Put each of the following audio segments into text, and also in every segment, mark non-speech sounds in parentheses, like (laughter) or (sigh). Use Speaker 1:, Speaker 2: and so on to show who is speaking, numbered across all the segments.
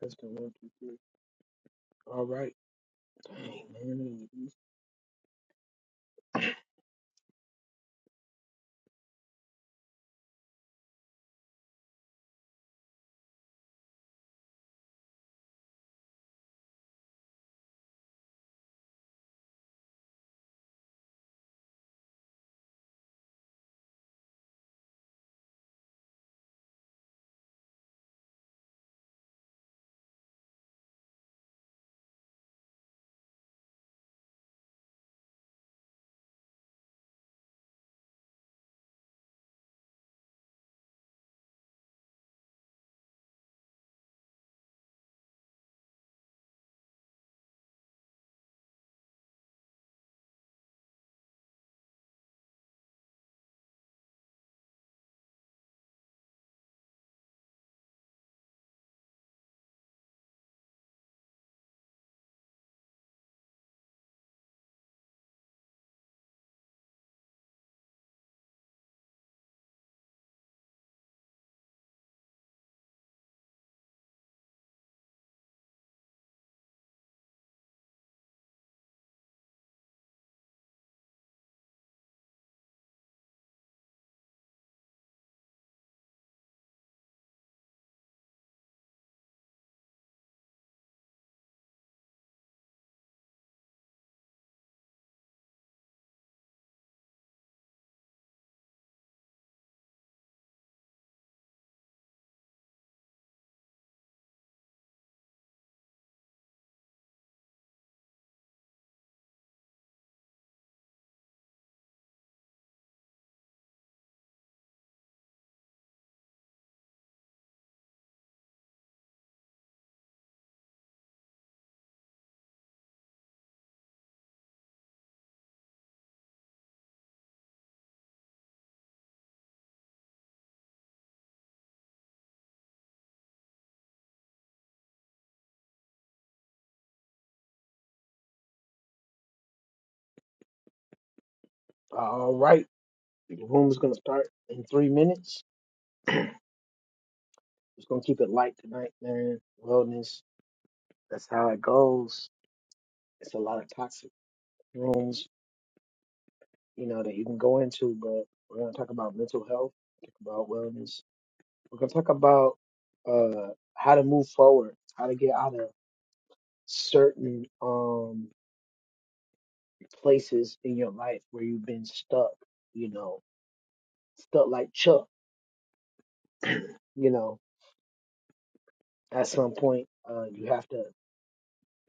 Speaker 1: That's the one, two, three. All right. Dang, man. All right. The room is gonna start in three minutes. Just gonna keep it light tonight, man. Wellness. That's how it goes. It's a lot of toxic rooms, you know, that you can go into, but we're gonna talk about mental health, talk about wellness. We're gonna talk about uh how to move forward, how to get out of certain um places in your life where you've been stuck, you know, stuck like Chuck, you know. at some point uh, you have to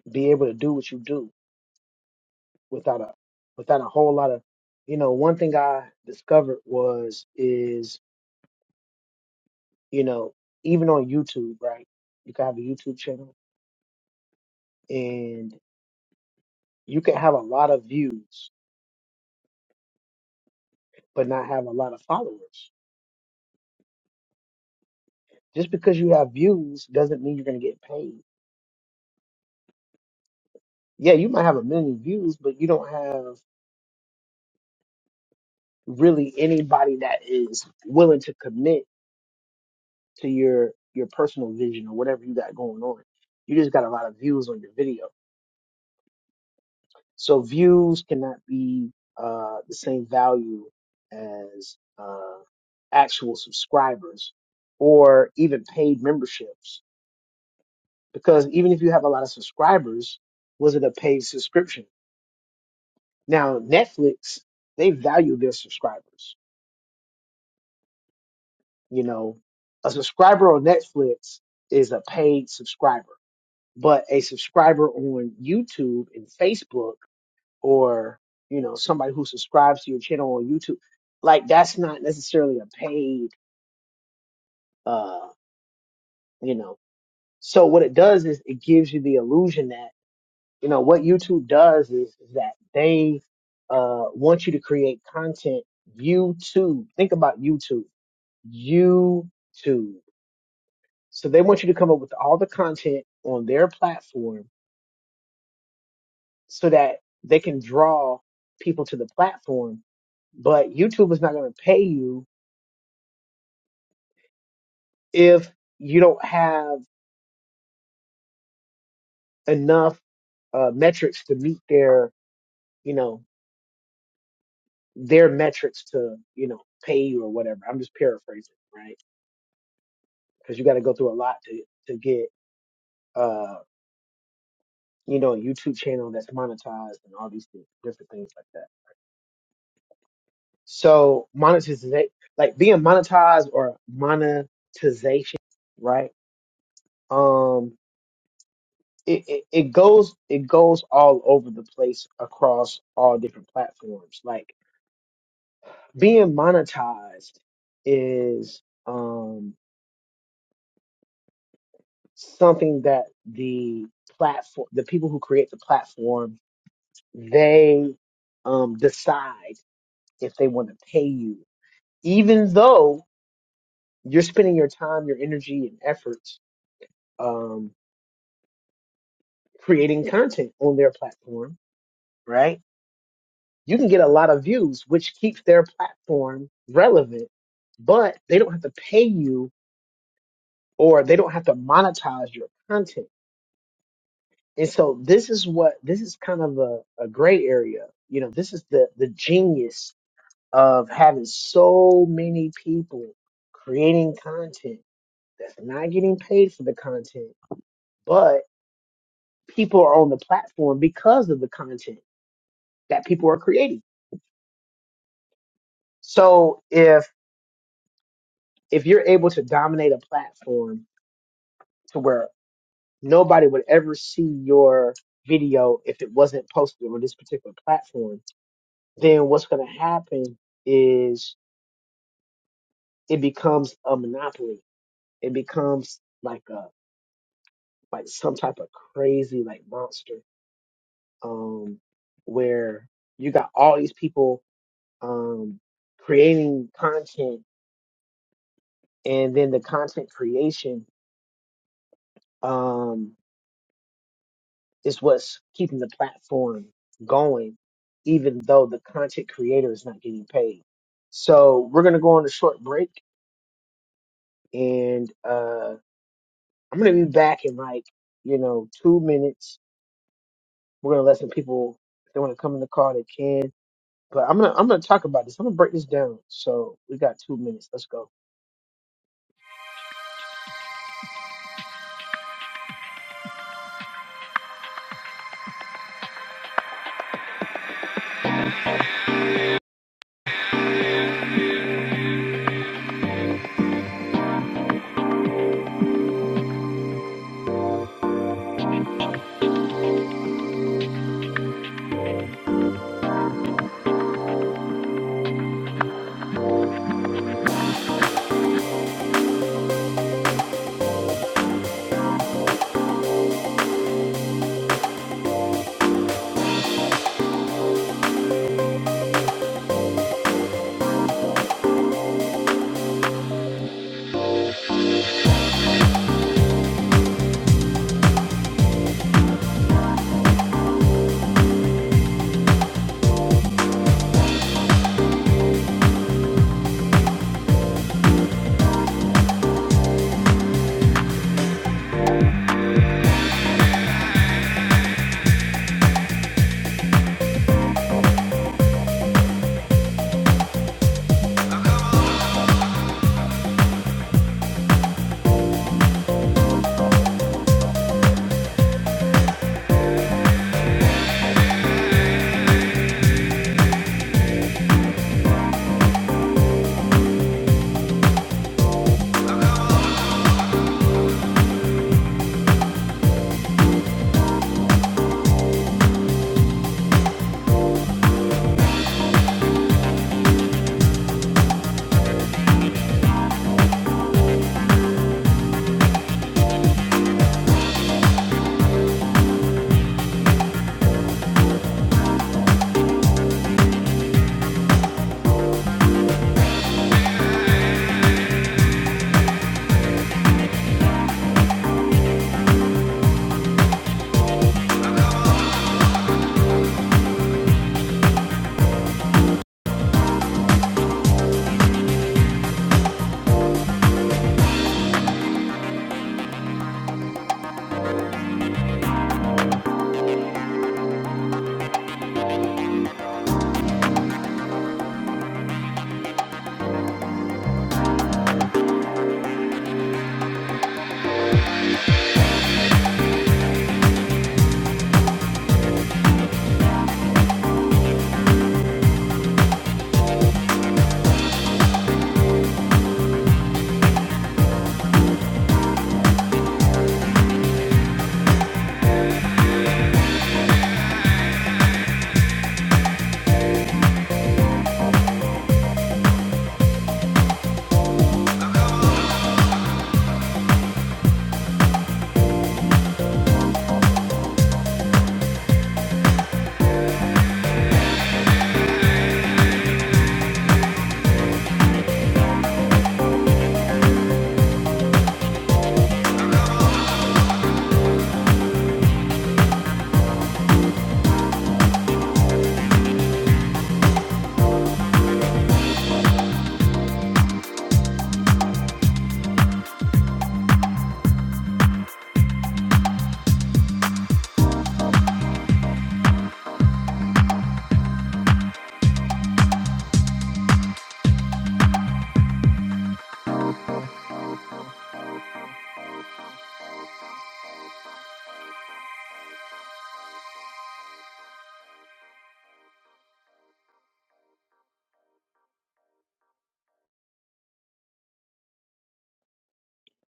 Speaker 1: be able to do what you do without a without a whole lot of you know one thing i discovered was is you know even on youtube right you can have a youtube channel and you can have a lot of views but not have a lot of followers just because you have views doesn't mean you're going to get paid yeah you might have a million views but you don't have really anybody that is willing to commit to your your personal vision or whatever you got going on. You just got a lot of views on your video, so views cannot be uh, the same value as uh, actual subscribers or even paid memberships. Because even if you have a lot of subscribers, was it a paid subscription? Now Netflix, they value their subscribers. You know, a subscriber on Netflix is a paid subscriber but a subscriber on YouTube and Facebook or you know somebody who subscribes to your channel on YouTube like that's not necessarily a paid uh you know so what it does is it gives you the illusion that you know what YouTube does is, is that they uh want you to create content YouTube think about YouTube YouTube so they want you to come up with all the content on their platform so that they can draw people to the platform. But YouTube is not going to pay you if you don't have enough uh, metrics to meet their, you know, their metrics to, you know, pay you or whatever. I'm just paraphrasing, right? Because you got to go through a lot to to get, uh, you know, a YouTube channel that's monetized and all these things, different things like that. So monetization, like being monetized or monetization, right? Um, it, it, it goes it goes all over the place across all different platforms. Like being monetized is um something that the platform the people who create the platform they um decide if they want to pay you even though you're spending your time your energy and efforts um creating content on their platform right you can get a lot of views, which keeps their platform relevant, but they don't have to pay you or they don't have to monetize your content. And so this is what this is kind of a, a gray area. You know, this is the the genius of having so many people creating content that's not getting paid for the content, but people are on the platform because of the content that people are creating. So if if you're able to dominate a platform to where nobody would ever see your video if it wasn't posted on this particular platform, then what's going to happen is it becomes a monopoly. It becomes like a like some type of crazy like monster um where you got all these people um creating content and then the content creation um, is what's keeping the platform going, even though the content creator is not getting paid. So we're gonna go on a short break, and uh, I'm gonna be back in like you know two minutes. We're gonna let some people if they want to come in the car, they can. But I'm gonna I'm gonna talk about this. I'm gonna break this down. So we got two minutes. Let's go.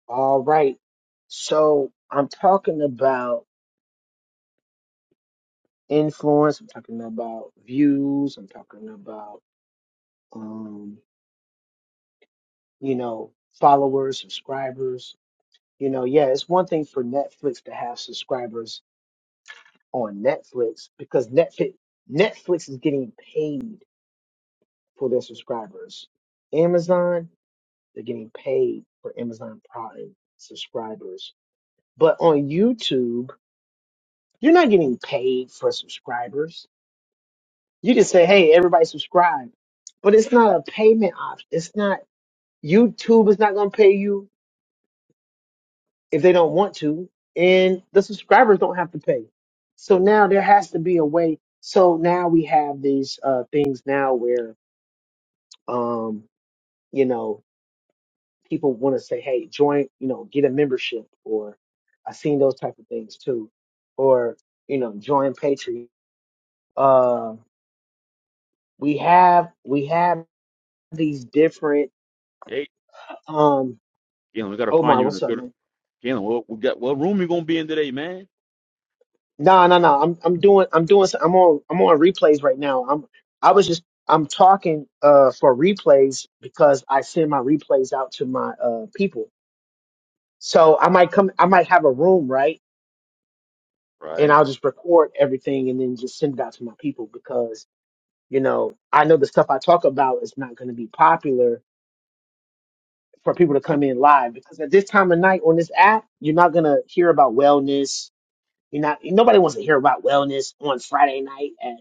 Speaker 1: All right. So I'm talking about influence. I'm talking about views. I'm talking about um, you know, followers, subscribers. You know, yeah, it's one thing for Netflix to have subscribers on Netflix because Netflix Netflix is getting paid for their subscribers. Amazon, they're getting paid for Amazon Prime subscribers. But on YouTube, you're not getting paid for subscribers. You just say, hey, everybody subscribe. But it's not a payment option. It's not YouTube is not gonna pay you. if they don't want to, and the subscribers don't have to pay. So now there has to be a way. So now we have these uh, things now where um, you know people want to say, hey, join, you know, get a membership, or I've seen those type of things too, or you know, join Patreon. Uh, we have we have these different.
Speaker 2: Hey,
Speaker 1: Um,
Speaker 2: Galen, we gotta find
Speaker 1: Omar,
Speaker 2: you in a
Speaker 1: what's up,
Speaker 2: good
Speaker 1: man?
Speaker 2: Galen. What we got? What room you gonna be in today, man?
Speaker 1: No, no, no. I'm I'm doing I'm doing some- I'm on I'm on replays right now. I'm I was just I'm talking uh for replays because I send my replays out to my uh people. So I might come I might have a room, right? And
Speaker 2: Right.
Speaker 1: I'll just record everything and then just send it out to my people because, you know, I know the stuff I talk about is not gonna be popular for people to
Speaker 2: I
Speaker 1: come in live because at this time of night on this app, you're not gonna hear about wellness. You're not nobody wants to hear about wellness on Friday night at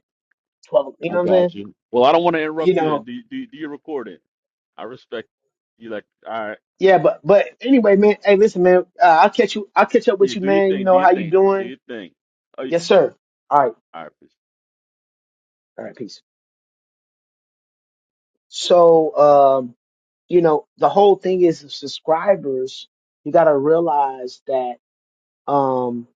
Speaker 1: twelve you
Speaker 2: I
Speaker 1: know what I'm saying?
Speaker 2: got you. Well, I don't want to
Speaker 1: you
Speaker 2: interrupt you. Then
Speaker 1: know,
Speaker 2: do you- do you- do your recording. I respect you. Like, all right,
Speaker 1: yeah, but but anyway, man. Hey, listen, man. Uh, I'll catch you. I'll catch up
Speaker 2: yeah,
Speaker 1: with you,
Speaker 2: do your
Speaker 1: man. You
Speaker 2: thing, do
Speaker 1: know
Speaker 2: your
Speaker 1: how you
Speaker 2: thing, do
Speaker 1: doing?
Speaker 2: your thing. Oh,
Speaker 1: Yes, sir. All right,
Speaker 2: all right,
Speaker 1: all right, peace. So, um, you know, the whole thing is the subscribers. You got to realize that um,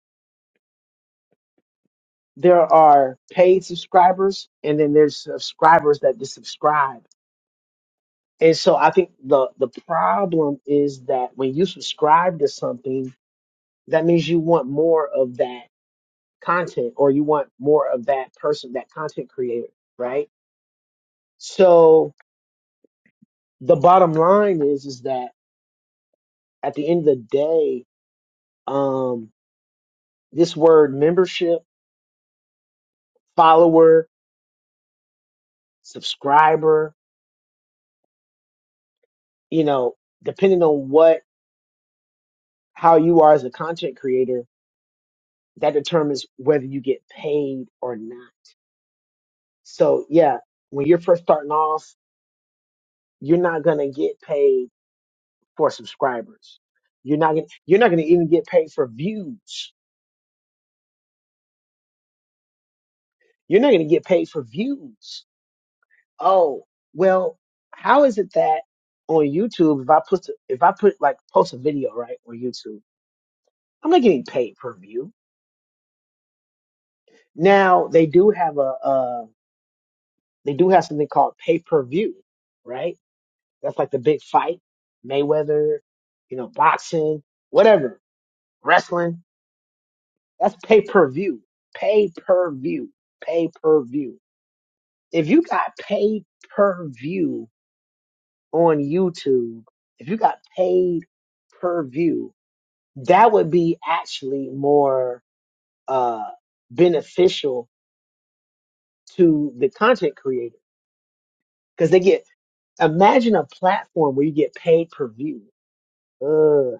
Speaker 1: there are paid subscribers, and then there's subscribers that just subscribe. And so, I think the the problem is that when you subscribe to something, that means you want more of that content or you want more of that person, that content creator, right? So the bottom line is is that at the end of the day, um, this word membership, follower, subscriber, you know, depending on what how you are as a content creator, that determines whether you get paid or not. So yeah, when you're first starting off, you're not gonna get paid for subscribers. You're not gonna you're not gonna even get paid for views You're not going to get paid for views. Oh, well, how is it that on YouTube, if I put, if I put like post a video, right, on YouTube, I'm not getting paid per view. Now they do have a, uh, they do have something called pay per view, right? That's like the big fight, Mayweather, you know, boxing, whatever, wrestling. That's pay per view, pay per view, pay per view. If you got paid per view on YouTube, if you got paid per view, that would be actually more uh, beneficial to the content creator because they get. Imagine a platform where you get paid per view. Ugh,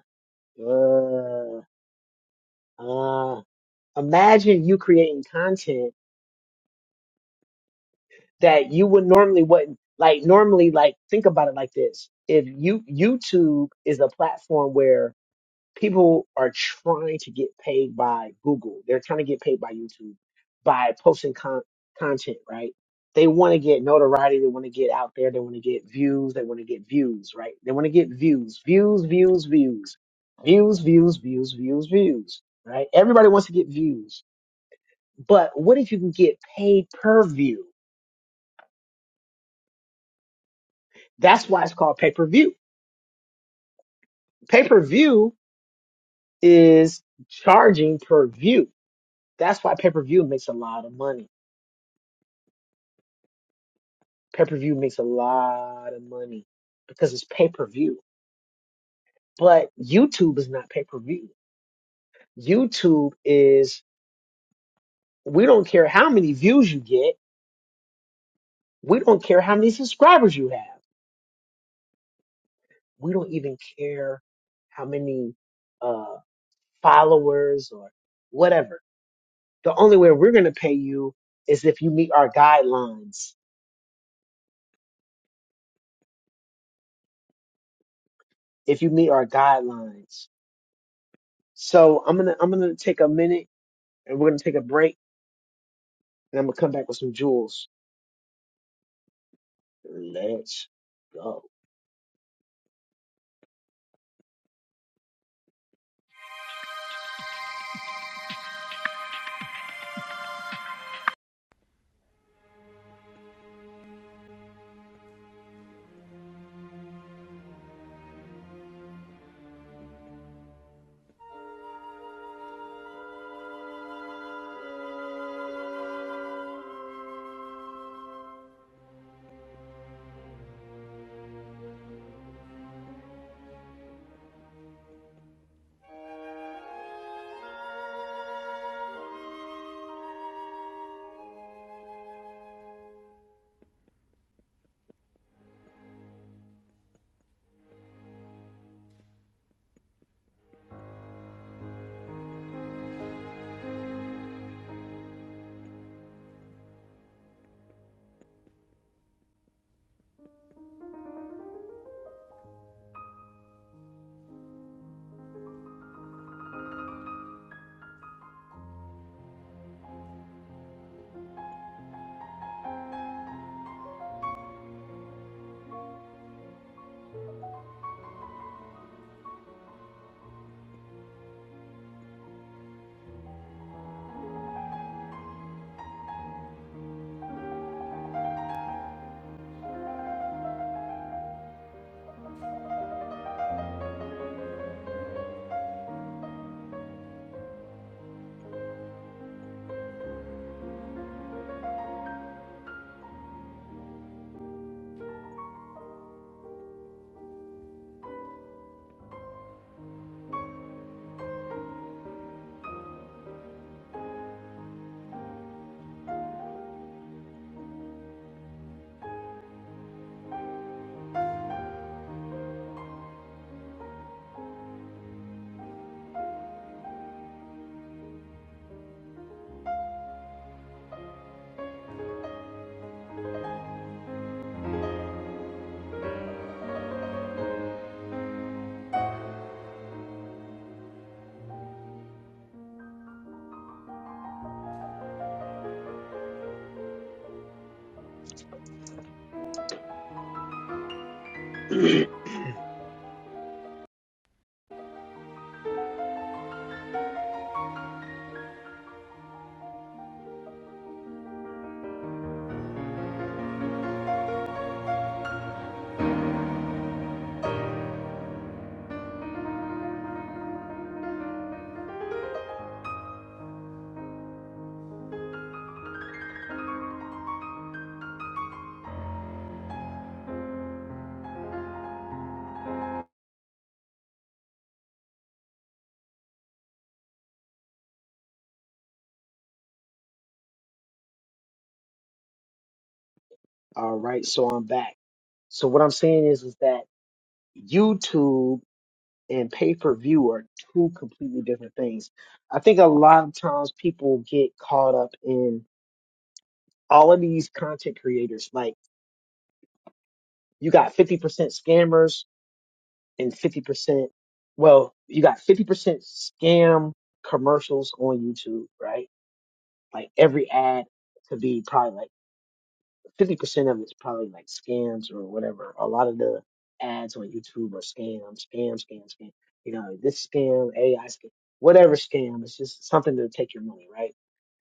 Speaker 1: ugh, uh. Imagine you creating content that you would normally wouldn't like. Normally, like think about it like this: if you YouTube is a platform where people are trying to get paid by Google. They're trying to get paid by YouTube by posting con- content, right? They want to get notoriety. They want to get out there. They want to get views. They want to get views, right? They want to get views, views, views, views, views, views, views, views, views, right? Everybody wants to get views. But what if you can get paid per view? That's why it's called pay per view. Pay per view is charging per view. That's why pay per view makes a lot of money Pay per view makes a lot of money because it's pay per view. But YouTube is not pay per view. YouTube is, we don't care how many views you get. We don't care how many subscribers you have. We don't even care how many uh, followers or whatever. The only way we're going to pay you is if you meet our guidelines. If you meet our guidelines. So I'm gonna I'm gonna take a minute and we're gonna take a break and I'm gonna come back with some jewels. Let's go. All right, so I'm back. So what I'm saying is, is that YouTube and pay-per-view are two completely different things. I think a lot of times people get caught up in all of these content creators. Like you got 50% scammers and 50%, well, you got 50% scam commercials on YouTube, right? Like every ad could be probably like fifty percent of it's probably like scams or whatever. A lot of the ads on YouTube are scams, scam, scam, scam. You know, this scam, AI scam, whatever scam. It's just something to take your money, right?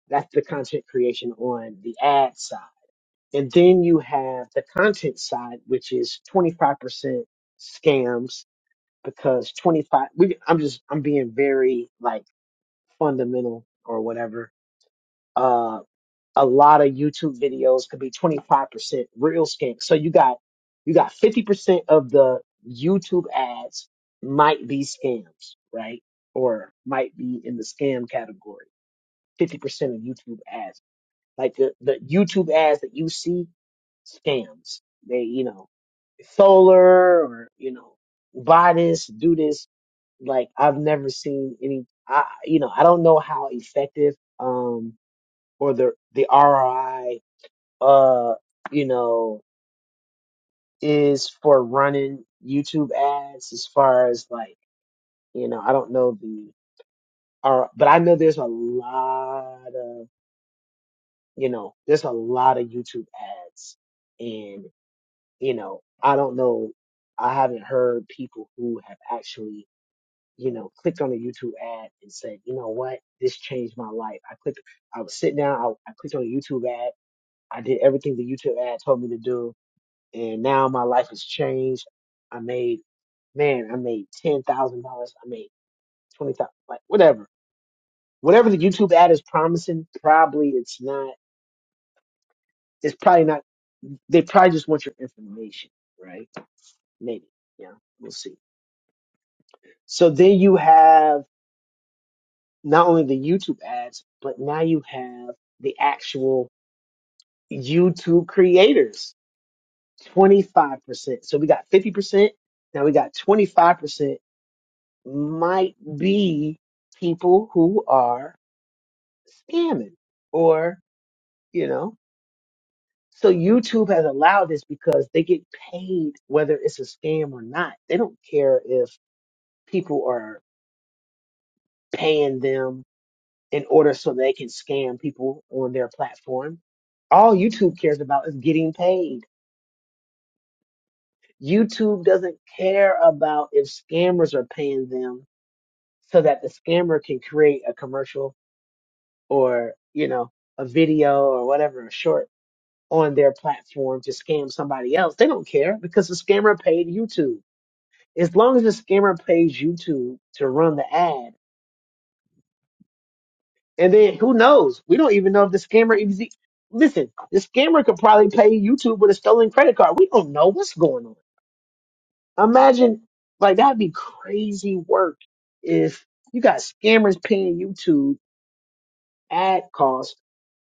Speaker 1: That's the content creation on the ad side, and then you have the content side, which is twenty five percent scams because twenty five. We, I'm just I'm being very like fundamental or whatever Uh, a lot of YouTube videos could be 25% real skin. So you got you got 50% of the YouTube ads might be scams, right? Or might be in the scam category. 50% of YouTube ads. Like the, the YouTube ads that you see, scams. They, you know, solar or, you know, buy this, do this. Like I've never seen any I you know, I don't know how effective um or the the ROI uh, you know, is for running YouTube ads as far as like, you know, I don't know the or but I know there's a lot of, you know, there's a lot of YouTube ads and, you know, I don't know I haven't heard people who have actually, you know, clicked on a YouTube ad and said, you know what, this changed my life. I clicked I was sitting down, I, I clicked on a YouTube ad, I did everything the YouTube ad told me to do and now my life has changed. I made man, I made ten thousand dollars. I made twenty thousand, like whatever, whatever the YouTube ad is promising. Probably it's not. It's probably not. They probably just want your information, right? Maybe, yeah, we'll see. So then you have not only the YouTube ads, but now you have the actual YouTube creators. Twenty five percent. So we got fifty percent. Now we got twenty five percent might be people who are scamming or, you know, so YouTube has allowed this because they get paid whether it's a scam or not. They don't care if people are paying them in order so they can scam people on their platform. All YouTube cares about is getting paid. YouTube doesn't care about if scammers are paying them so that the scammer can create a commercial or you know a video or whatever a short on their platform to scam somebody else they don't care because the scammer paid youtube as long as the scammer pays youtube to run the ad and then who knows we don't even know if the scammer is listen the scammer could probably pay youtube with a stolen credit card we don't know what's going on imagine like that'd be crazy work if you got scammers paying youtube ad costs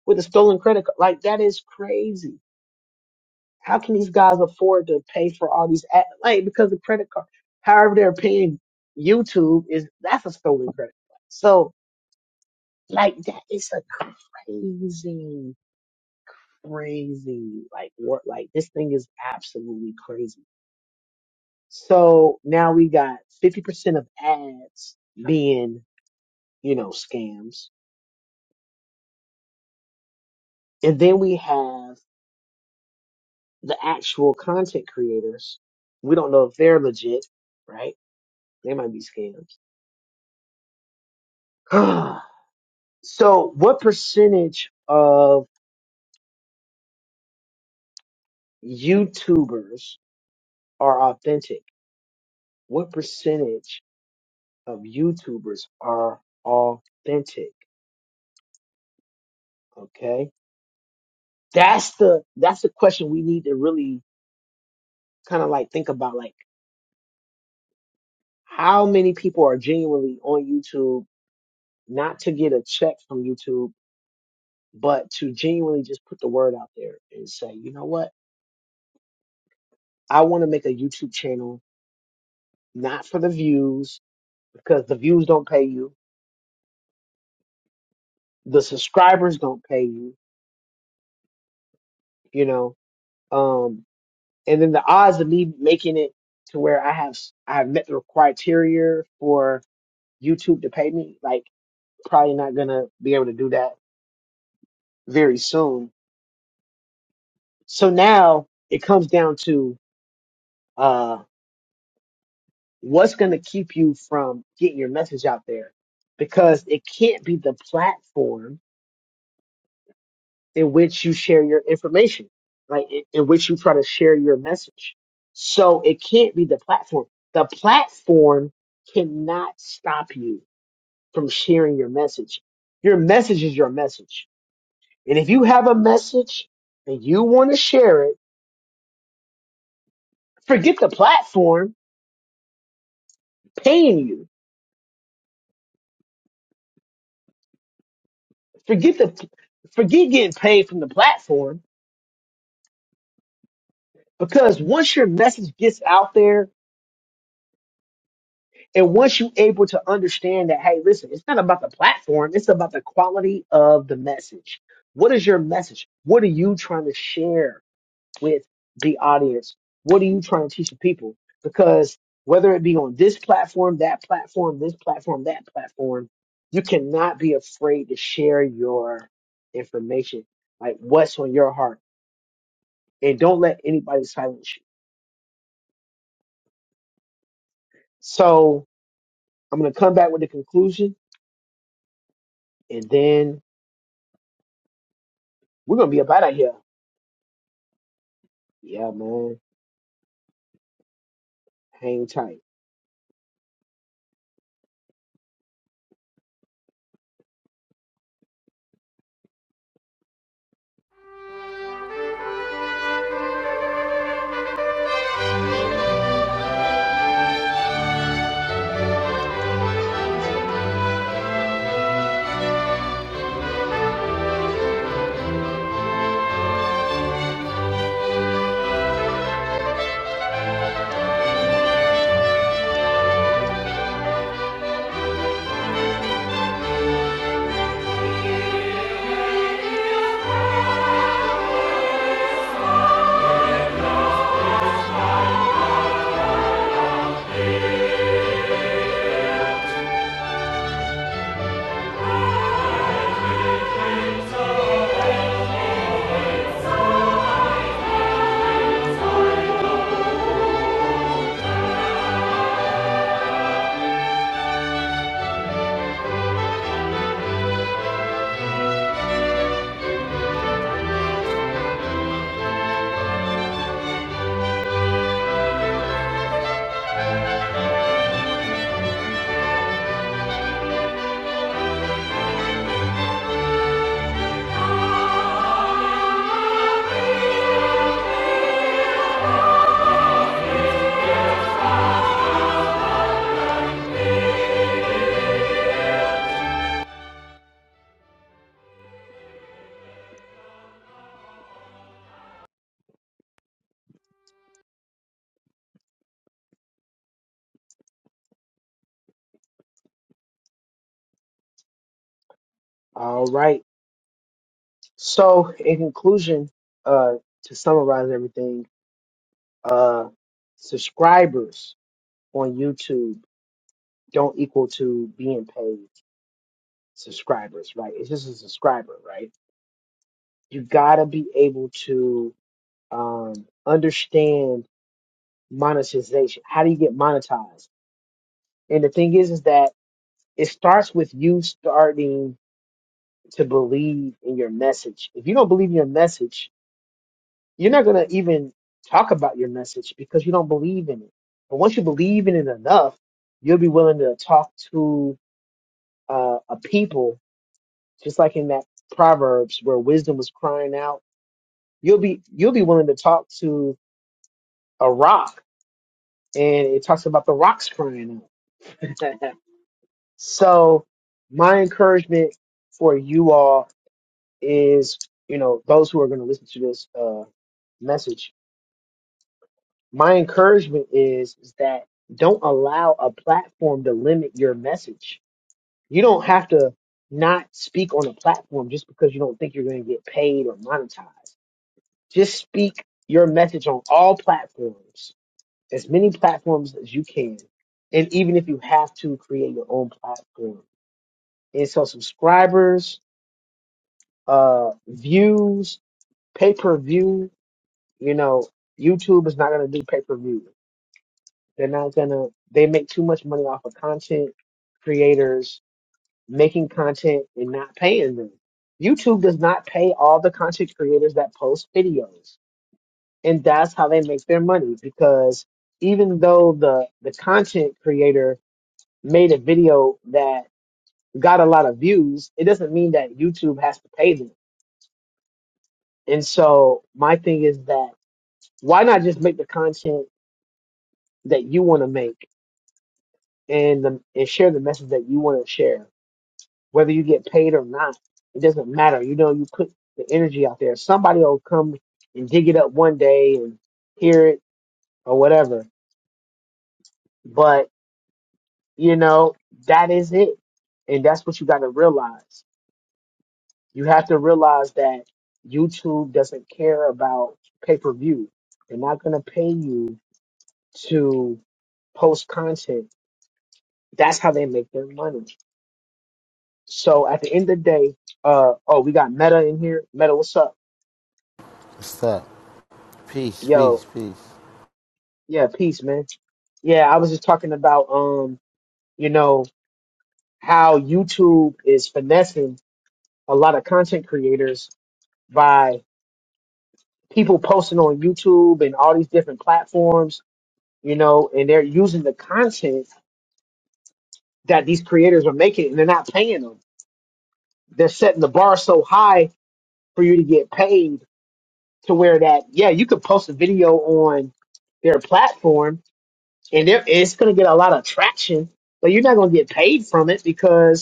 Speaker 1: with a stolen credit card like that is crazy How can these guys afford to pay for all these ad- like because the credit card, however they're paying YouTube is that's a stolen credit card. So like that is a crazy, crazy like what like this thing is absolutely crazy. So now we got fifty percent of ads being you know scams, and then we have the actual content creators. We don't know if they're legit, right? They might be scams. (sighs) So, what percentage of YouTubers are authentic? What percentage of YouTubers are authentic? Okay, that's the that's the question we need to really kind of like think about. Like, how many people are genuinely on YouTube, not to get a check from YouTube, but to genuinely just put the word out there and say, you know what, I want to make a YouTube channel, not for the views because the views don't pay you the subscribers don't pay you, you know. Um, and then the odds of me making it to where I have I have met the criteria for YouTube to pay me, like probably not gonna be able to do that very soon. So now it comes down to uh, what's gonna keep you from getting your message out there, because it can't be the platform in which you share your information, right? In, in which you try to share your message. So it can't be the platform. The platform cannot stop you from sharing your message. Your message is your message. And if you have a message and you want to share it, forget the platform paying you. Forget the, forget getting paid from the platform because once your message gets out there And once you are able to understand that, hey, listen, it's not about the platform, it's about the quality of the message. What is your message? What are you trying to share with the audience? What are you trying to teach the people? Because whether it be on this platform, that platform, this platform, that platform, you cannot be afraid to share your information, like what's on your heart. And don't let anybody silence you. So I'm gonna come back with the conclusion and then we're gonna be about out here. Yeah, man. Hang tight. All right. So, in conclusion, uh, to summarize everything, uh, subscribers on YouTube don't equal to being paid subscribers, right? It's just a subscriber, right? You gotta be able to um, understand monetization. How do you get monetized? And the thing is, is that it starts with you starting to believe in your message. If you don't believe in your message, you're not going to even talk about your message because you don't believe in it. But once you believe in it enough, you'll be willing to talk to uh, a people, just like in that Proverbs where wisdom was crying out. You'll be you'll be willing to talk to a rock, and it talks about the rocks crying out. (laughs) so my encouragement for you all is, you know, those who are going to listen to this uh, message my encouragement is, is that don't allow a platform to limit your message. You don't have to not speak on a platform just because you don't think you're going to get paid or monetized. Just speak your message on all platforms, as many platforms as you can. And even if you have to create your own platform. And so subscribers, uh, views, pay per view, you know, YouTube is not going to do pay per view. They're not gonna, they make too much money off of content creators making content and not paying them. YouTube does not pay all the content creators that post videos. And that's how they make their money because even though the, the content creator made a video that got a lot of views, it doesn't mean that YouTube has to pay them. And so my thing is that why not just make the content that you want to make and the, and share the message that you want to share whether you get paid or not. It doesn't matter. You know, you put the energy out there. Somebody will come and dig it up one day and hear it or whatever. But, you know, that is it. And that's what you got to realize. You have to realize that YouTube doesn't care about pay per view. They're not going to pay you to post content. That's how they make their money. So at the end of the day, uh, oh, we got Meta in here. Meta, what's up?
Speaker 3: What's up? Peace,
Speaker 1: Yo,
Speaker 3: peace, peace.
Speaker 1: Yeah, peace, man. Yeah, I was just talking about um, you know, how YouTube is finessing a lot of content creators by people posting on YouTube and all these different platforms, you know, and they're using the content that these creators are making and they're not paying them. They're setting the bar so high for you to get paid to where that yeah, you could post a video on their platform and they're- it's going to get a lot of traction, but you're not going to get paid from it because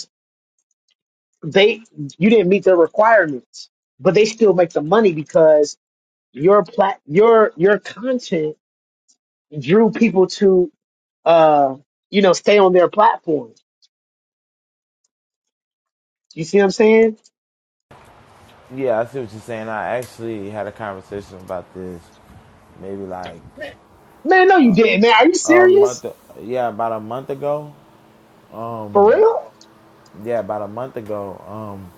Speaker 1: they you didn't meet their requirements, but they still make the money because your plat your your content drew people to uh you know stay on their platform. You see what I'm saying?
Speaker 3: Yeah, I see what you're saying. I actually had a conversation about this maybe like
Speaker 1: Man, no, you didn't. Man, are you
Speaker 3: a
Speaker 1: serious?
Speaker 3: month. Yeah, about a month ago.
Speaker 1: For real?
Speaker 3: Yeah, about a month ago. Um,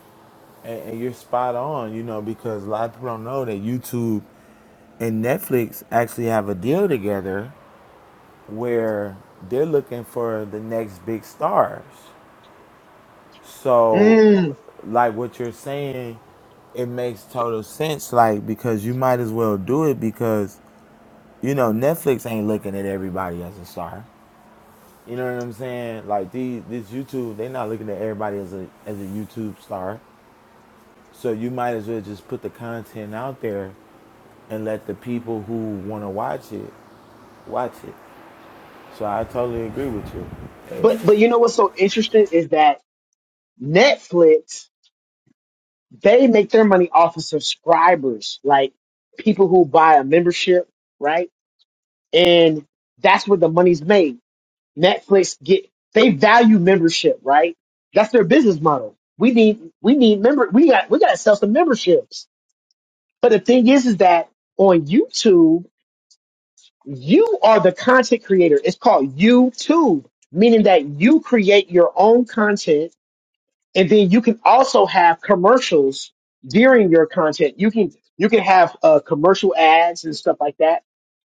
Speaker 3: and, and you're spot on. You know, because a lot of people don't know that YouTube and Netflix actually have a deal together where they're looking for the next big stars. So,
Speaker 1: Mm.
Speaker 3: like what you're saying, it makes total sense. Like because you might as well do it because you know Netflix ain't looking at everybody as a star. You know what I'm saying? Like these, this YouTube, they are not looking at everybody as a as a YouTube star. So you might as well just put the content out there and let the people who want to watch it watch it. So I totally agree with you. Eh,
Speaker 1: But but you know what's so interesting is that Netflix they make their money off of subscribers, like people who buy a membership, right? And that's where the money's made Netflix get they value membership, right? That's their business model. We need we need member we got we gotta sell some memberships. But the thing is is that on YouTube, you are the content creator. It's called YouTube, meaning that you create your own content and then you can also have commercials during your content. You can you can have uh, commercial ads and stuff like that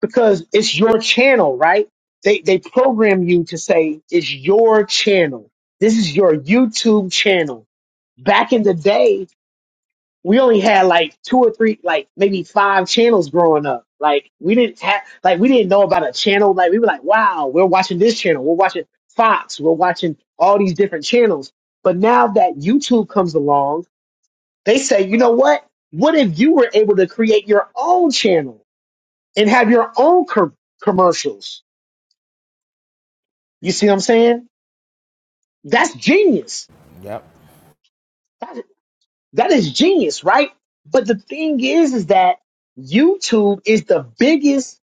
Speaker 1: because it's your channel, right? They they program you to say it's your channel. This is your YouTube channel. Back in the day, we only had like two or three, like maybe five channels growing up. Like we didn't have, like we didn't know about a channel. Like we were like, wow, we're watching this channel. We're watching Fox. We're watching all these different channels. But now that YouTube comes along, they say, you know what? What if you were able to create your own channel and have your own com- commercials? You see what I'm saying? That's genius.
Speaker 3: Yep.
Speaker 1: That, that is genius, right? But the thing is, is that YouTube is the biggest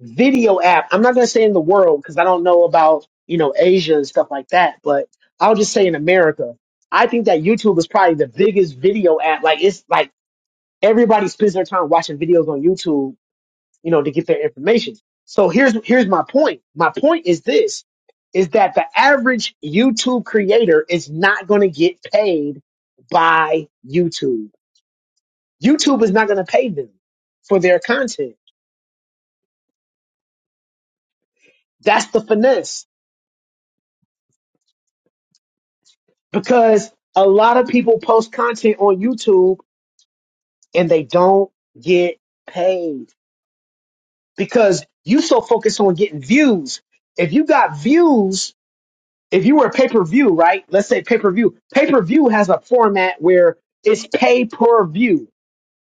Speaker 1: video app. I'm not going to say in the world because I don't know about, you know, Asia and stuff like that, but I'll just say in America, I think that YouTube is probably the biggest video app. Like it's like everybody spends their time watching videos on YouTube you know, to get their information. So here's here's my point. My point is this is that the average YouTube creator is not going to get paid by YouTube. YouTube is not going to pay them for their content. That's the finesse because a lot of people post content on YouTube and they don't get paid because you so focused on getting views. If you got views, if you were a pay per view, right? Let's say pay per view. Pay per view has a format where it's pay per view.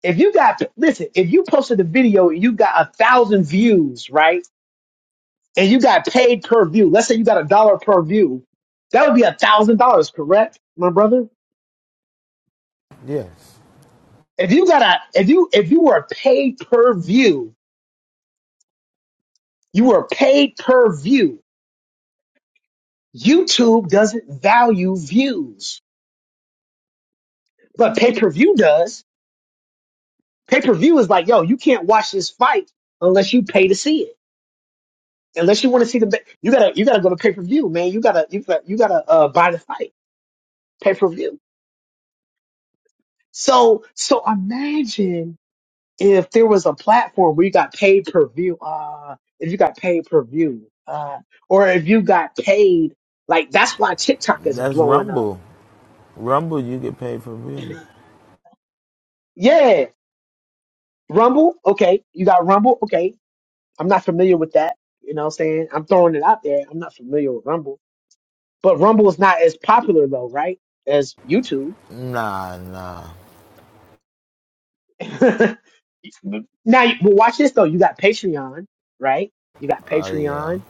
Speaker 1: If you got listen, if you posted a video and you got a thousand views, right? And you got paid per view. Let's say you got a dollar per view. That would be a thousand dollars, correct, my brother?
Speaker 3: Yes.
Speaker 1: If you got a if you if you were paid per view, you were paid per view. YouTube doesn't value views, but pay per view does Pay per view is like, yo, you can't watch this fight unless you pay to see it. Unless you want to see the, ba- you gotta, you gotta go to pay per view, man. You gotta, you gotta, you gotta uh, buy the fight, pay per view. So, so imagine if there was a platform where you got pay per view, uh, if you got pay per view, uh, or if you got paid, like that's why TikTok is
Speaker 3: That's
Speaker 1: blowing up.
Speaker 3: Rumble. Rumble, you get paid for real.
Speaker 1: Yeah, Rumble, okay, you got Rumble, okay. I'm not familiar with that. You know what I'm saying? I'm throwing it out there. I'm not familiar with Rumble But Rumble is not as popular though, right? As YouTube.
Speaker 3: Nah, nah.
Speaker 1: (laughs) now, you- but watch this though. You got Patreon, right? You got
Speaker 3: Oh yeah.
Speaker 1: Patreon.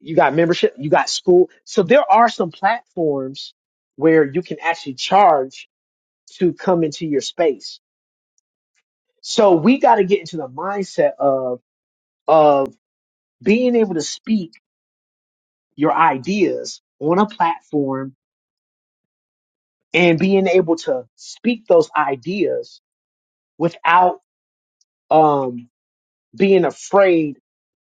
Speaker 1: You got membership. You got school. So there are some platforms where you can actually charge to come into your space. So we got to get into the mindset of of being able to speak your ideas on a platform and being able to speak those ideas without um. being afraid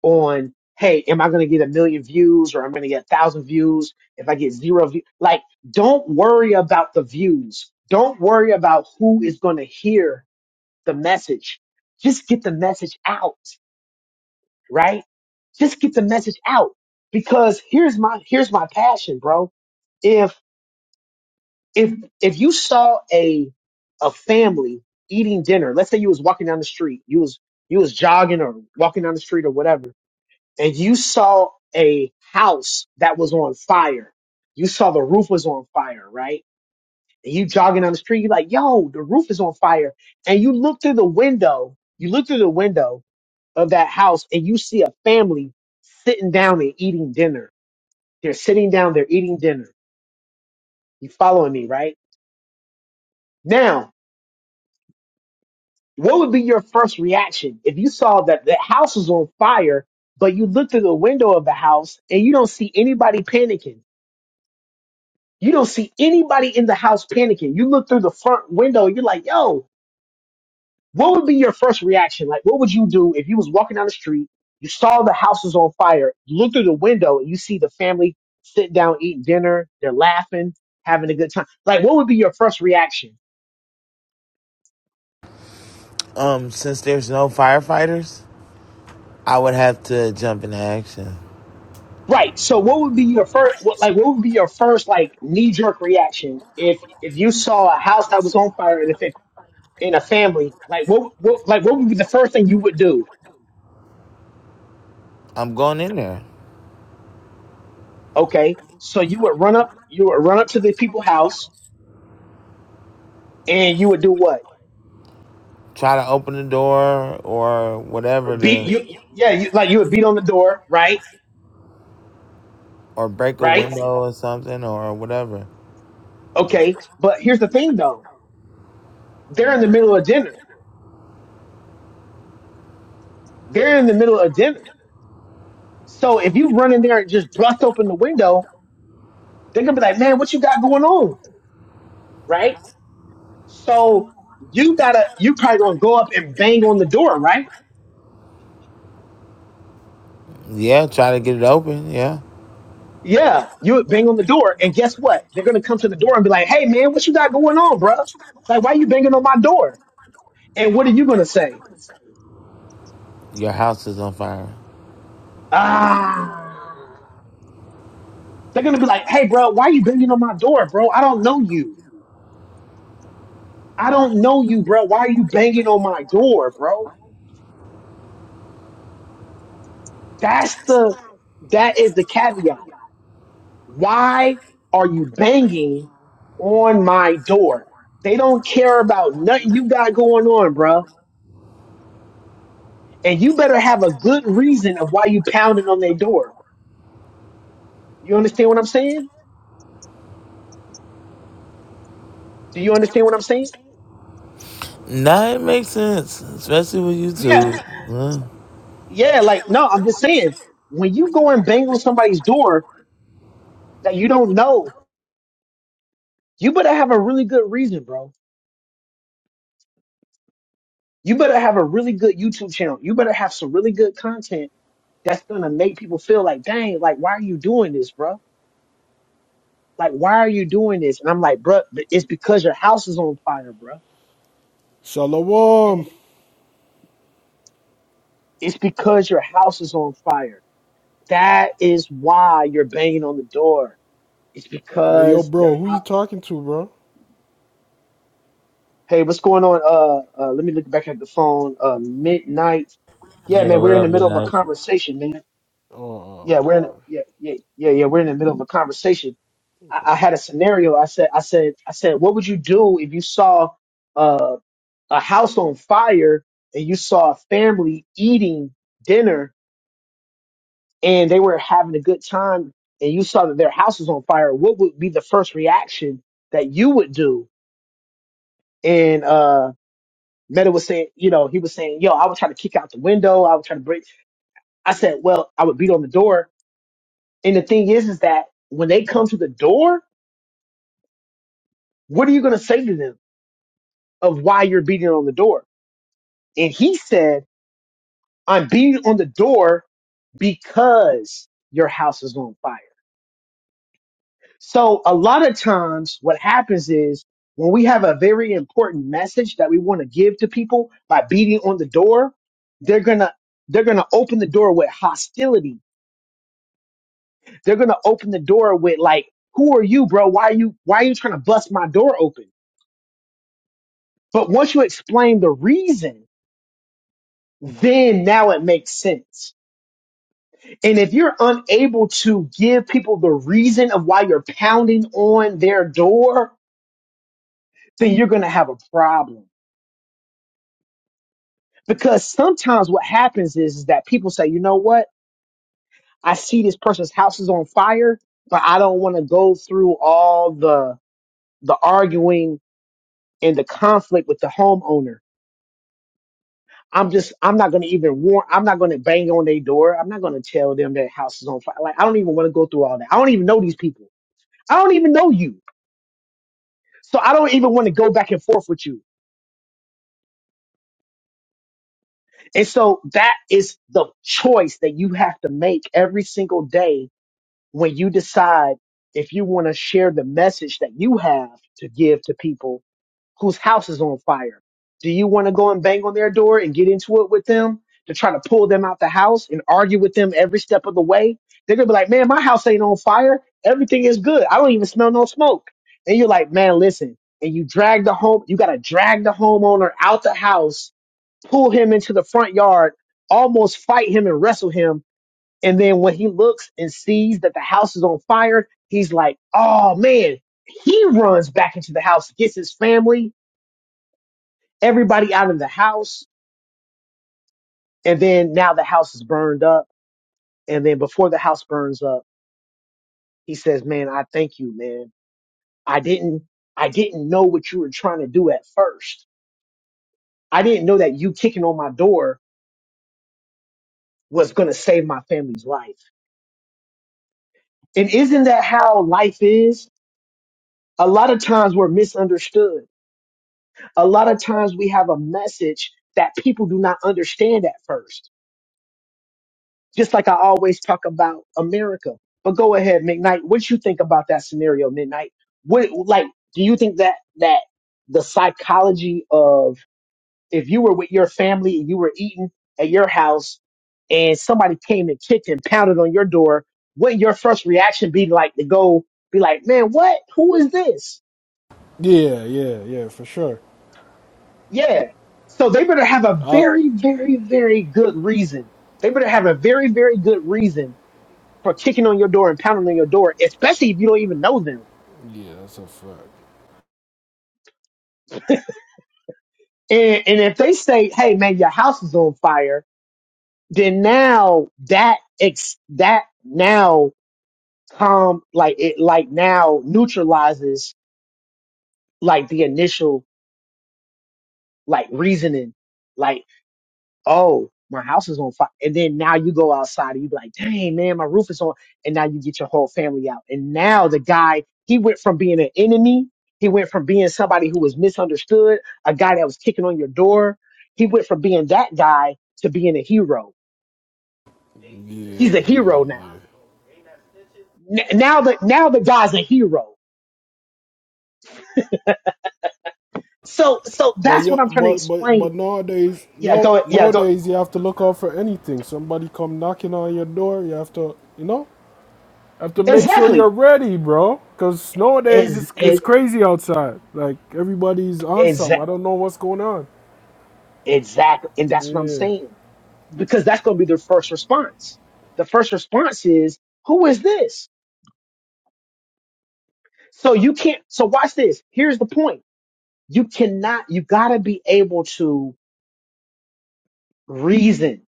Speaker 1: on, hey, am I going to get a million views or I'm going to get a thousand views if I get zero views? Like, don't worry about the views. Don't worry about who is going to hear the message. Just get the message out, right? Just get the message out because here's my, here's my passion, bro. If, if, if you saw a, a family eating dinner, let's say you was walking down the street, you was, you was jogging or walking down the street or whatever and you saw a house that was on fire. You saw the roof was on fire, right? And you jogging down the street, you're like, yo, the roof is on fire. And you look through the window, you look through the window of that house and you see a family sitting down and eating dinner. They're sitting down, they're eating dinner. You following me, right? Now, what would be your first reaction if you saw that the house was on fire, but you looked through the window of the house and you don't see anybody panicking? You don't see anybody in the house panicking. You look through the front window and you're like, yo, what would be your first reaction? Like, what would you do if you was walking down the street, you saw the house was on fire, you look through the window and you see the family sit down, eating dinner, they're laughing, having a good time. Like, what would be your first reaction?
Speaker 3: Um, since there's no firefighters, I would have to jump into action.
Speaker 1: Right. So what would be your first, what, like, what would be your first, like, knee jerk reaction if, if you saw a house that was on fire and if it, in a family, like what, what, like what would be the first thing you would do?
Speaker 3: I'm going in there.
Speaker 1: Okay. So you would run up, you would run up to the people's house and you would do what?
Speaker 3: Try to open the door or
Speaker 1: Or
Speaker 3: whatever
Speaker 1: beat
Speaker 3: to,
Speaker 1: you. Yeah. You, like you would beat on the door. Right.
Speaker 3: or break a
Speaker 1: Right.
Speaker 3: window or something or whatever.
Speaker 1: Okay. But here's the thing though. They're in the middle of dinner. They're in the middle of dinner. So if you run in there and just bust open the window, they're going to be like, man, what you got going on? Right. So you gotta, you probably going to go up and bang on the door. Right.
Speaker 3: Yeah, try to get it open, yeah.
Speaker 1: Yeah. You would bang on the door. And guess what? They're going to come to the door and be like, hey man, what you got going on, bruh? Like, why you banging on my door? And what are you gonna say?
Speaker 3: Your house is on fire.
Speaker 1: Ah, they're gonna be like, "Hey, bro, why are you banging on my door, bro? I don't know you. I don't know you, bro. Why are you banging on my door, bro?" That's the that is the caveat. Why are you banging on my door? They don't care about nothing you got going on, bro. And you better have a good reason of why you pounding on their door. You understand what I'm saying? Do you understand what I'm saying?
Speaker 3: Nah, it makes sense. Especially with
Speaker 1: Yeah.
Speaker 3: YouTube. Yeah,
Speaker 1: Yeah, like no, I'm just saying when you go and bang on somebody's door that you don't know, you better have a really good reason, bro. You better have a really good YouTube channel. You better have some really good content that's gonna make people feel like, dang, like why are you doing this, bro? Like why are you doing this? And I'm like, bro, it's because your house is on fire, bro. And
Speaker 4: Shalom.
Speaker 1: it's because your house is on fire. That is why you're banging on the door. It's
Speaker 4: Hey, yo,
Speaker 1: because
Speaker 4: bro,
Speaker 1: their
Speaker 4: who
Speaker 1: house.
Speaker 4: you talking to, bro?
Speaker 1: Hey, what's going on? Uh, uh, let me look back at the phone. Uh, midnight. Yeah,
Speaker 3: Yeah,
Speaker 1: man, we're in the
Speaker 3: whatever,
Speaker 1: middle of a
Speaker 3: like.
Speaker 1: conversation, man. Yeah,
Speaker 4: Oh,
Speaker 1: we're in. Yeah, yeah, yeah, yeah. We're in the middle of a conversation. I, I had a scenario. I said, I said, I said, what would you do if you saw uh, a house on fire and you saw a family eating dinner and they were having a good time and you saw that their house was on fire? What would be the first reaction that you would do? And uh. Meta was saying, you know, he was saying, yo, I would try to kick out the window. I would try to break. I said, well, I would beat on the door. And the thing is, is that when they come to the door, what are you going to say to them of why you're beating on the door? And he said, I'm beating on the door because your house is on fire. So a lot of times what happens is when we have a very important message that we want to give to people by beating on the door, they're going to, they're going to open the door with hostility They're gonna open the door with like, "Who are you, bro? Why are you why are you trying to bust my door open?" But once you explain the reason, then now it makes sense. And if you're unable to give people the reason of why you're pounding on their door, then you're gonna have a problem. Because sometimes what happens is, is that people say, you know what? I see this person's house is on fire, but I don't want to go through all the the arguing and the conflict with the homeowner. I'm just I'm not gonna even warn I'm not gonna bang on their door. I'm not gonna tell them their house is on fire. Like I don't even want to go through all that. I don't even know these people. I don't even know you. So I don't even want to go back and forth with you. And so that is the choice that you have to make every single day when you decide if you want to share the message that you have to give to people whose house is on fire. Do you want to go and bang on their door and get into it with them to try to pull them out the house and argue with them every step of the way? They're going to be like, man, my house ain't on fire. Everything is good. I don't even smell no smoke. And you're like, man, listen. And you drag the home, you got to drag the homeowner out the house, pull him into the front yard, almost fight him and wrestle him. And then when he looks and sees that the house is on fire, he's like, oh man, he runs back into the house, gets his family, everybody out of the house. And then now the house is burned up. And then before the house burns up, he says, man, I thank you, man. I didn't, I didn't know what you were trying to do at first. I didn't know that you kicking on my door was going to save my family's life. And isn't that how life is? A lot of times we're misunderstood. A lot of times we have a message that people do not understand at first Just like I always talk about America. But go ahead, McKnight. What you think about that scenario, Midnight? What like do you think that that the psychology of if you were with your family and you were eating at your house and somebody came and kicked and pounded on your door, wouldn't your first reaction be like to go be like, man, what? Who is this?
Speaker 4: yeah, yeah, yeah, for sure.
Speaker 1: Yeah. So they better have a
Speaker 4: I,
Speaker 1: very, very, very good reason. They better have a very, very good reason for kicking on your door and pounding on your door, especially if you don't even know them.
Speaker 4: yeah, that's a fact.
Speaker 1: And, and if they say, "Hey, man, your house is on fire," then now that ex that now calm like it like now neutralizes like the initial like reasoning. like. oh, my house is on fire. And then now you go outside and you be like, dang, man, my roof is on. And now you get your whole family out. And now the guy, he went from being an enemy, he went from being somebody who was misunderstood, a guy that was kicking on your door. He went from being that guy to being a hero.
Speaker 4: Yeah,
Speaker 1: He's a
Speaker 4: yeah,
Speaker 1: hero now.
Speaker 4: yeah.
Speaker 1: N- now the now the guy's a hero. So so
Speaker 4: But
Speaker 1: that's what
Speaker 4: yo,
Speaker 1: I'm trying to
Speaker 4: but but
Speaker 1: explain.
Speaker 4: but nowadays,
Speaker 1: Yeah,
Speaker 4: no,
Speaker 1: go yeah, go
Speaker 4: nowadays you have to look out for anything. Somebody come knocking on your door, you have to, you know, have to make sure
Speaker 1: exactly.
Speaker 4: you're ready, bro. Cause nowadays
Speaker 1: Is
Speaker 4: it's it's
Speaker 1: it
Speaker 4: crazy outside. Like everybody's on something. I
Speaker 1: exactly
Speaker 4: don't know what's going on.
Speaker 1: exactly and that's what I'm
Speaker 4: Yeah.
Speaker 1: saying. because that's going to be their first response. The first response is, who is this? So you can't, so watch this. Here's the point. You cannot, you gotta be able to reason.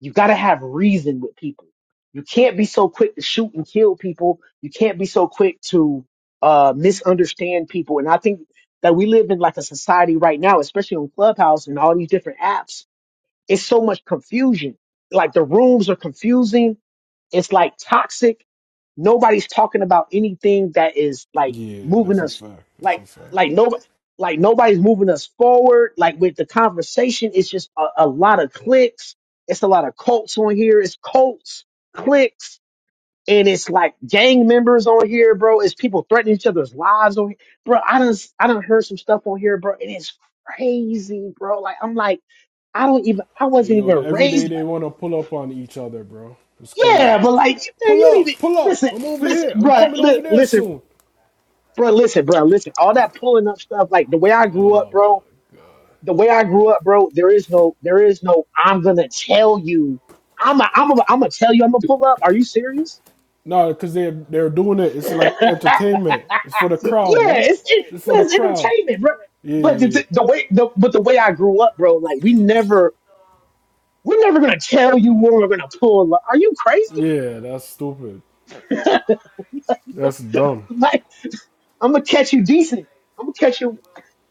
Speaker 1: You gotta have reason with people. You can't be so quick to shoot and kill people. You can't be so quick to, uh, misunderstand people. And I think that we live in like a society right now, especially on Clubhouse and all these different apps. It's so much confusion. Like the rooms are confusing. It's like toxic nobody's talking about anything that is like
Speaker 4: Yeah,
Speaker 1: moving
Speaker 4: that's a
Speaker 1: us
Speaker 4: fact. That's a
Speaker 1: like
Speaker 4: fact.
Speaker 1: like nobody like nobody's moving us forward like with the conversation it's just a, a lot of clicks it's a lot of cults on here it's cults clicks and it's like gang members on here bro it's people threatening each other's lives on here bro i done i done heard some stuff on here bro and it's crazy bro like i'm like i don't even i
Speaker 4: Hey,
Speaker 1: wasn't
Speaker 4: yo,
Speaker 1: even
Speaker 4: every day
Speaker 1: raised
Speaker 4: they
Speaker 1: like
Speaker 4: want to pull up on each other, bro. It's crazy.
Speaker 1: yeah but like man,
Speaker 4: Pull
Speaker 1: you don't even
Speaker 4: up, pull up.
Speaker 1: listen
Speaker 4: I'm over
Speaker 1: listen
Speaker 4: here. I'm
Speaker 1: bro
Speaker 4: coming
Speaker 1: li-
Speaker 4: over there
Speaker 1: listen
Speaker 4: soon.
Speaker 1: bro, listen, bro, listen. All that pulling up stuff, like the way I grew up, bro. The way I grew up, bro. There is no, there is no. I'm gonna tell you. I'm, a, I'm, a, I'm gonna tell you. I'm gonna pull up. Are you serious?
Speaker 4: No, because they, they're doing it.
Speaker 1: (laughs)
Speaker 4: It's
Speaker 1: yeah,
Speaker 4: like entertainment. It's for the
Speaker 1: it's, it,
Speaker 4: crowd, right? It's for
Speaker 1: yeah,
Speaker 4: the
Speaker 1: it's
Speaker 4: crowd.
Speaker 1: entertainment, bro.
Speaker 4: Yeah,
Speaker 1: But the,
Speaker 4: yeah, yeah.
Speaker 1: the, the way, the, but the way I grew up, bro. Like we never, we're never gonna tell you where we're gonna pull up. Are you crazy?
Speaker 4: Yeah, that's stupid. That's dumb.
Speaker 1: (laughs) like I'm gonna catch you decent. I'm gonna catch you.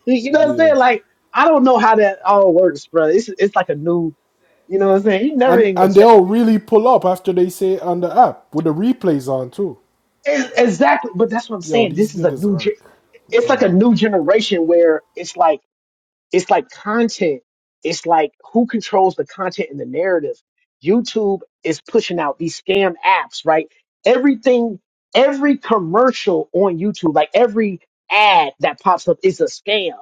Speaker 1: You know what I'm
Speaker 4: Yeah.
Speaker 1: saying? Like I don't know how that all works, bro. It's, it's like a new. You know what I'm saying? He never
Speaker 4: And,
Speaker 1: ain't gonna
Speaker 4: and
Speaker 1: check.
Speaker 4: they'll really pull up after they say it on the app with the replays on, too.
Speaker 1: Ex- Exactly, but that's what I'm
Speaker 4: Yo,
Speaker 1: saying.
Speaker 4: these
Speaker 1: This is a
Speaker 4: niggas
Speaker 1: new. Ge-
Speaker 4: are.
Speaker 1: it's like a
Speaker 4: Oh,
Speaker 1: new
Speaker 4: my
Speaker 1: generation
Speaker 4: God.
Speaker 1: where it's like it's like content. It's like who controls the content and the narrative. YouTube is pushing out these scam apps, right? Everything, every commercial on YouTube, like every ad that pops up, is a scam.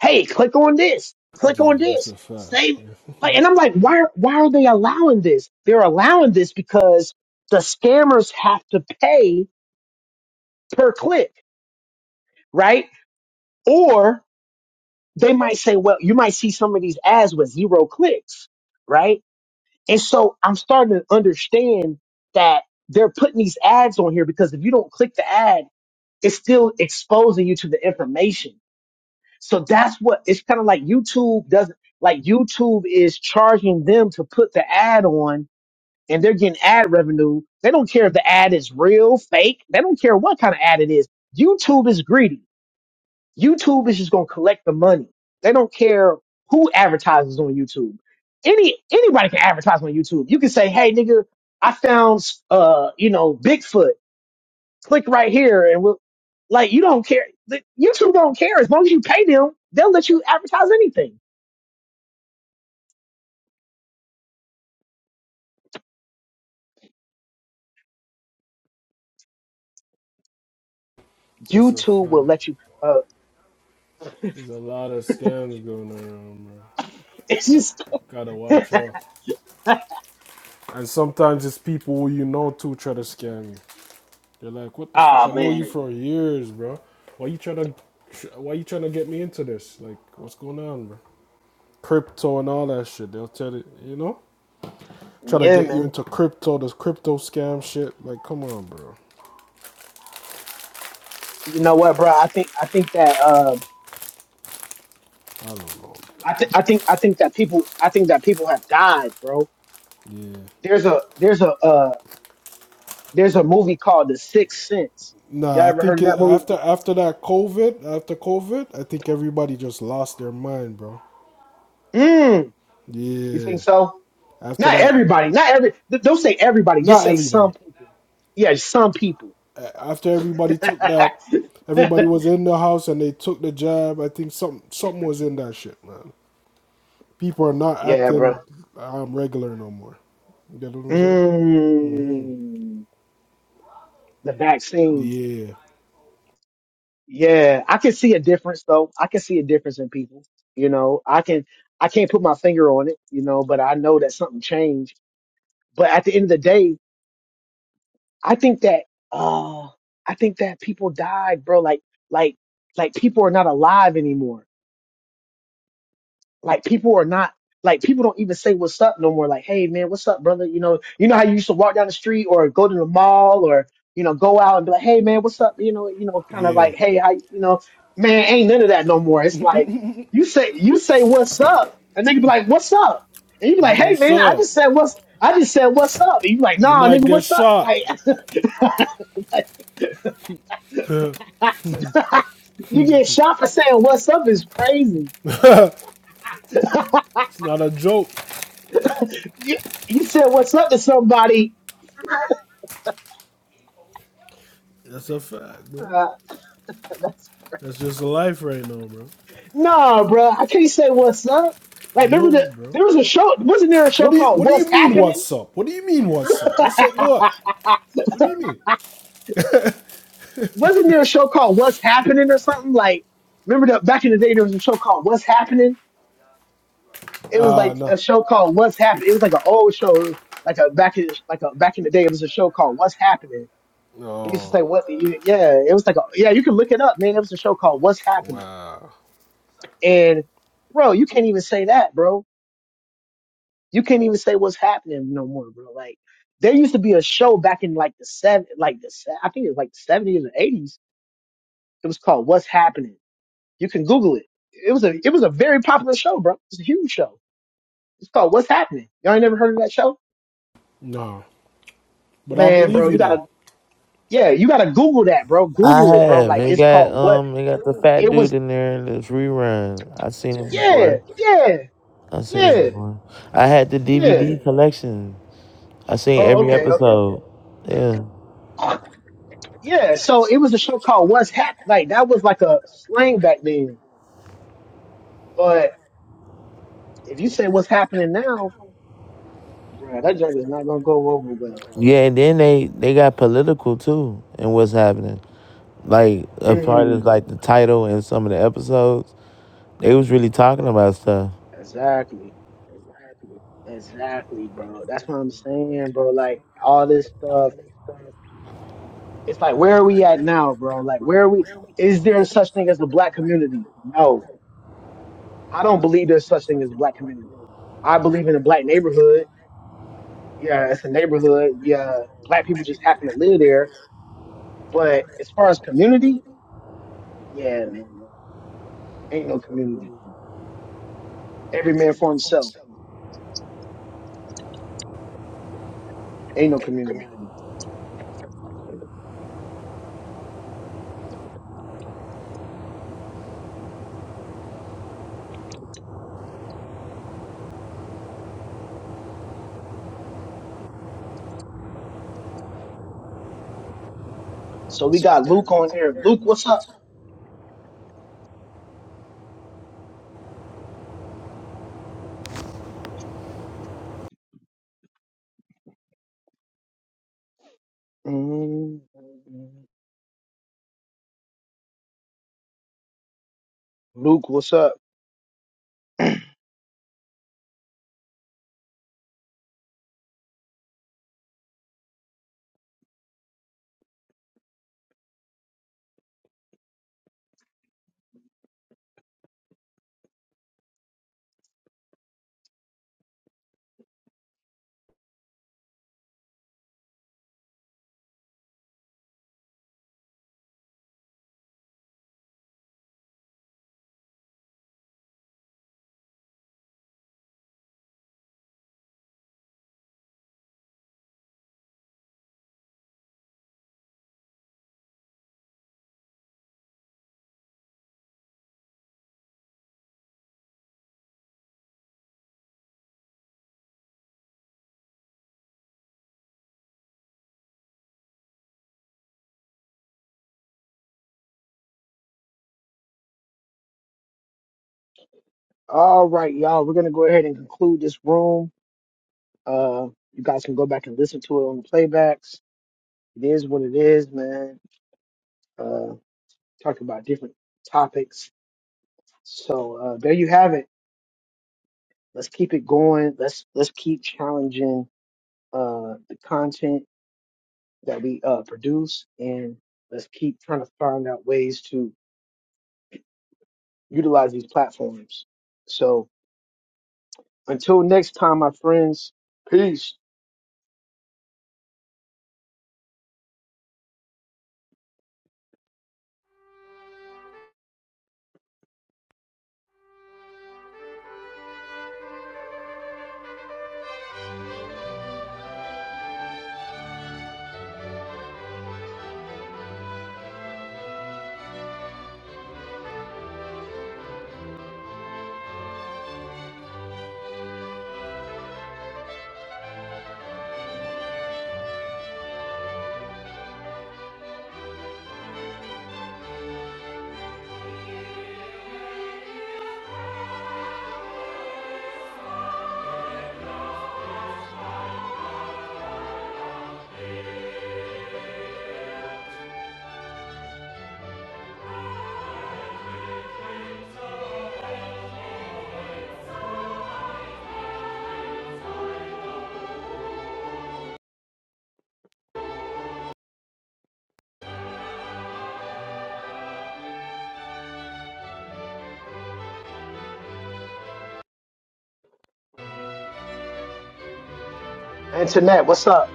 Speaker 1: hey, click on this, click on
Speaker 4: Yeah, that's
Speaker 1: this,
Speaker 4: a fact.
Speaker 1: save.
Speaker 4: (laughs)
Speaker 1: Like, and I'm like, why, why are they allowing this? They're allowing this because the scammers have to pay per click, right? Or they might say, well, you might see some of these ads with zero clicks, right? And so I'm starting to understand that they're putting these ads on here because if you don't click the ad, it's still exposing you to the information. So that's what it's kind of like YouTube doesn't like YouTube is charging them to put the ad on and they're getting ad revenue. They don't care if the ad is real, fake. They don't care what kind of ad it is. YouTube is greedy. YouTube is just going to collect the money. They don't care who advertises on YouTube. Any anybody can advertise on YouTube. You can say, "Hey nigga, I found uh, you know, Bigfoot click right here and we'll like you don't care the- youtube don't care as long as you pay them they'll let you advertise anything
Speaker 4: That's a
Speaker 1: youtube will
Speaker 4: fact.
Speaker 1: let you uh
Speaker 4: There's a lot of scams going around, bro.
Speaker 1: (laughs) it's just
Speaker 4: Gotta watch out. And sometimes it's people who you know too try to scam you. They're like, "What the fuck? I
Speaker 1: oh
Speaker 4: know you
Speaker 1: man
Speaker 4: for years, bro. Why you trying to, why you trying to get me into this? Like, what's going on, bro? Crypto and all that shit. They'll tell it, you know, try to
Speaker 1: yeah
Speaker 4: get you
Speaker 1: man
Speaker 4: into crypto, this crypto scam shit. Like, come on, bro.
Speaker 1: you know what bro i think i think that uh
Speaker 4: I don't know.
Speaker 1: i think i think i think that people i think that people have died bro
Speaker 4: Yeah.
Speaker 1: there's a there's a uh there's a movie called the sixth sense y'all
Speaker 4: Nah, I
Speaker 1: ever heard
Speaker 4: think
Speaker 1: of
Speaker 4: it,
Speaker 1: that movie
Speaker 4: after after that COVID, after COVID, I think everybody just lost their mind, bro.
Speaker 1: mm, you
Speaker 4: Yeah.
Speaker 1: think so
Speaker 4: After
Speaker 1: not
Speaker 4: that,
Speaker 1: everybody not every th- don't say everybody just
Speaker 4: not
Speaker 1: say
Speaker 4: everybody.
Speaker 1: some people yeah some people
Speaker 4: After everybody took that,
Speaker 1: (laughs)
Speaker 4: everybody was in the house and they took the jab. I think something something was in that shit, man. People are not
Speaker 1: yeah, bro.
Speaker 4: acting um, regular no more. You get what I'm saying? Mm-hmm.
Speaker 1: Mm, the vaccine.
Speaker 4: Yeah,
Speaker 1: Yeah, I can see a difference though. I can see a difference in people. You know, I can. I can't put my finger on it. You know, but I know that something changed. But at the end of the day, I think that. Uh, I think that people died, bro. Like, like, like people are not alive anymore. Like people are not like people don't even say what's up no more. Like, hey man, what's up, brother? You know, you know how you used to walk down the street or go to the mall or you know go out and be like, hey man, what's up? You know, you know, kind of
Speaker 4: yeah.
Speaker 1: like, hey, I, you know, man, ain't none of that no more. It's like you say you say what's up, and nigga be like, what's up? And you be like, hey
Speaker 4: What's
Speaker 1: man, I
Speaker 4: up?
Speaker 1: just said what's I just said what's up, and you be like,
Speaker 4: You
Speaker 1: nah,
Speaker 4: might
Speaker 1: nigga,
Speaker 4: get
Speaker 1: what's up?
Speaker 4: shot.
Speaker 1: Like,
Speaker 4: (laughs) it's
Speaker 1: (laughs) you get shot for saying what's up is crazy (laughs)
Speaker 4: not a joke.
Speaker 1: you you said what's up to somebody.
Speaker 4: That's a fact, bro.
Speaker 1: Uh, (laughs)
Speaker 4: That's just life right now, bro.
Speaker 1: Nah, bro, I can't say what's up. Like,
Speaker 4: No,
Speaker 1: remember that
Speaker 4: bro.
Speaker 1: there was a show. Wasn't there a
Speaker 4: What
Speaker 1: show
Speaker 4: do you
Speaker 1: called
Speaker 4: What do you
Speaker 1: What's
Speaker 4: mean?
Speaker 1: Happening?
Speaker 4: What's up? What do you mean? What's up? What's up?
Speaker 1: (laughs)
Speaker 4: What? What do you mean?
Speaker 1: Wasn't there a show called What's Happening or something? Like, remember that back in the day there was a show called What's Happening. It was
Speaker 4: Ah, uh,
Speaker 1: like a
Speaker 4: nah.
Speaker 1: show called What's Happening. It was like an old show, like a back in like a back in the day. It was a show called What's Happening. They used to
Speaker 4: Oh,
Speaker 1: say what? you- Yeah, it was like a, yeah. You can look it up, man. It was a show called What's Happening,
Speaker 4: wow.
Speaker 1: and bro, you can't even say that, bro You can't even say what's happening no more, bro. Like there used to be a show back in like the seven, like the se- I think it was like the seventies or eighties. It was called What's Happening. You can Google it. It was a it was a very popular show, bro. It's a huge show. It's called What's Happening. Y'all ain't never heard of that show,
Speaker 4: No. But I
Speaker 1: man,
Speaker 4: believe
Speaker 1: bro.
Speaker 4: you
Speaker 1: You
Speaker 4: though.
Speaker 1: gotta yeah, you gotta Google that, bro.
Speaker 3: I
Speaker 1: Google it, bro.
Speaker 3: have.
Speaker 1: Like
Speaker 3: It
Speaker 1: it's
Speaker 3: got
Speaker 1: called what?
Speaker 3: um it got the fat
Speaker 1: It
Speaker 3: dude
Speaker 1: was
Speaker 3: in there in this rerun. I seen it
Speaker 1: yeah,
Speaker 3: before.
Speaker 1: yeah,
Speaker 3: I seen it
Speaker 1: yeah,
Speaker 3: before. I had the
Speaker 1: yeah.
Speaker 3: DVD collection. I seen
Speaker 1: Oh,
Speaker 3: every
Speaker 1: okay, okay.
Speaker 3: episode. Yeah.
Speaker 1: Yeah, so it was a show called What's Hap. Like that was like a slang back then. but. If you say what's happening now, bro, that junk is not gonna go over well.
Speaker 3: Yeah, and then they they got political too and what's happening. Like a part of
Speaker 1: Mm,
Speaker 3: like the title and some of the episodes. They was really talking about stuff.
Speaker 1: exactly, exactly, bro. That's what I'm saying, bro. Like all this stuff. It's like where are we at now, bro? Like where are we? Is there such thing as the black community? No, I don't believe there's such thing as the black community. I believe in a black neighborhood. Yeah, it's a neighborhood. Yeah, black people just happen to live there. But as far as community, yeah, man, ain't no community. Every man for himself. Ain't no community. So we got Luke on here. Luke, what's up? Mm, Luke, what's up? All right, y'all. We're gonna go ahead and conclude this room. Uh, you guys can go back and listen to it on the playbacks. It is what it is, man. Uh, talk about different topics. So uh, there you have it. Let's keep it going. Let's let's keep challenging uh the content that we uh produce, and let's keep trying to find out ways to utilize these platforms. So Until next time, my friends. Peace. Internet, what's up?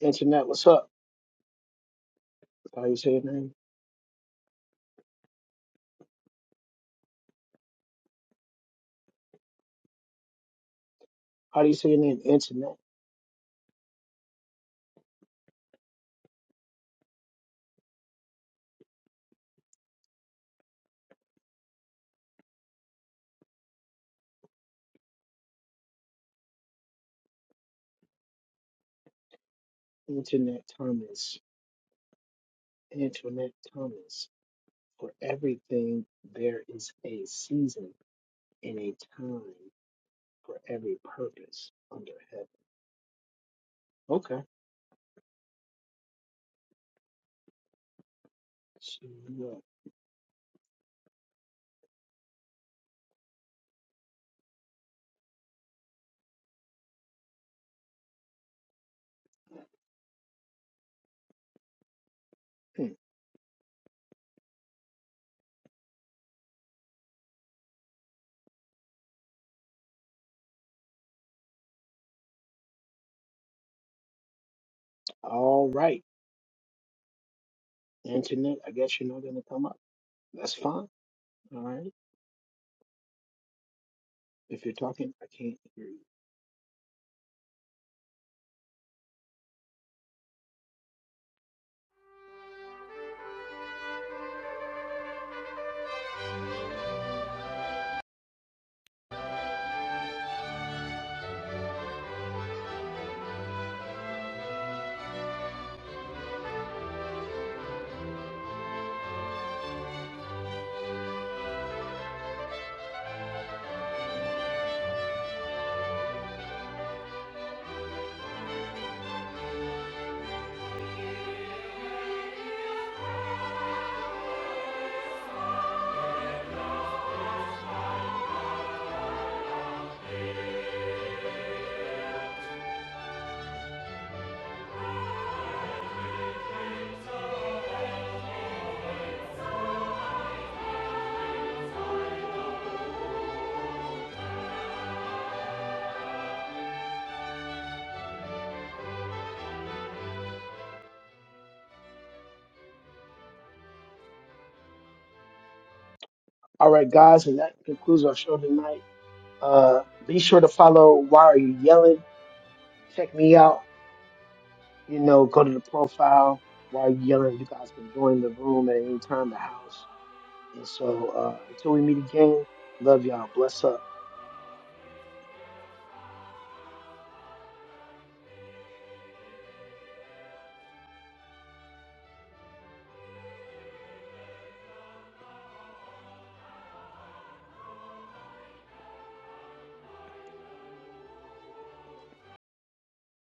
Speaker 1: Internet, what's up? How do you say your name? How do you say your name? Internet. Internet Thomas. Internet Thomas. For everything, there is a season and a time for every purpose under heaven. Okay. So, uh, hmm. all right. Internet, I guess you're not going to come up. That's fine. All right. If you're talking, I can't hear you. All right, guys, and that concludes our show tonight. Uh, be sure to follow Why Are You Yelling? Check me out. You know, go to the profile. Why Are You Yelling? You guys can join the room at any time, the house. And so uh, until we meet again, love y'all. Bless up.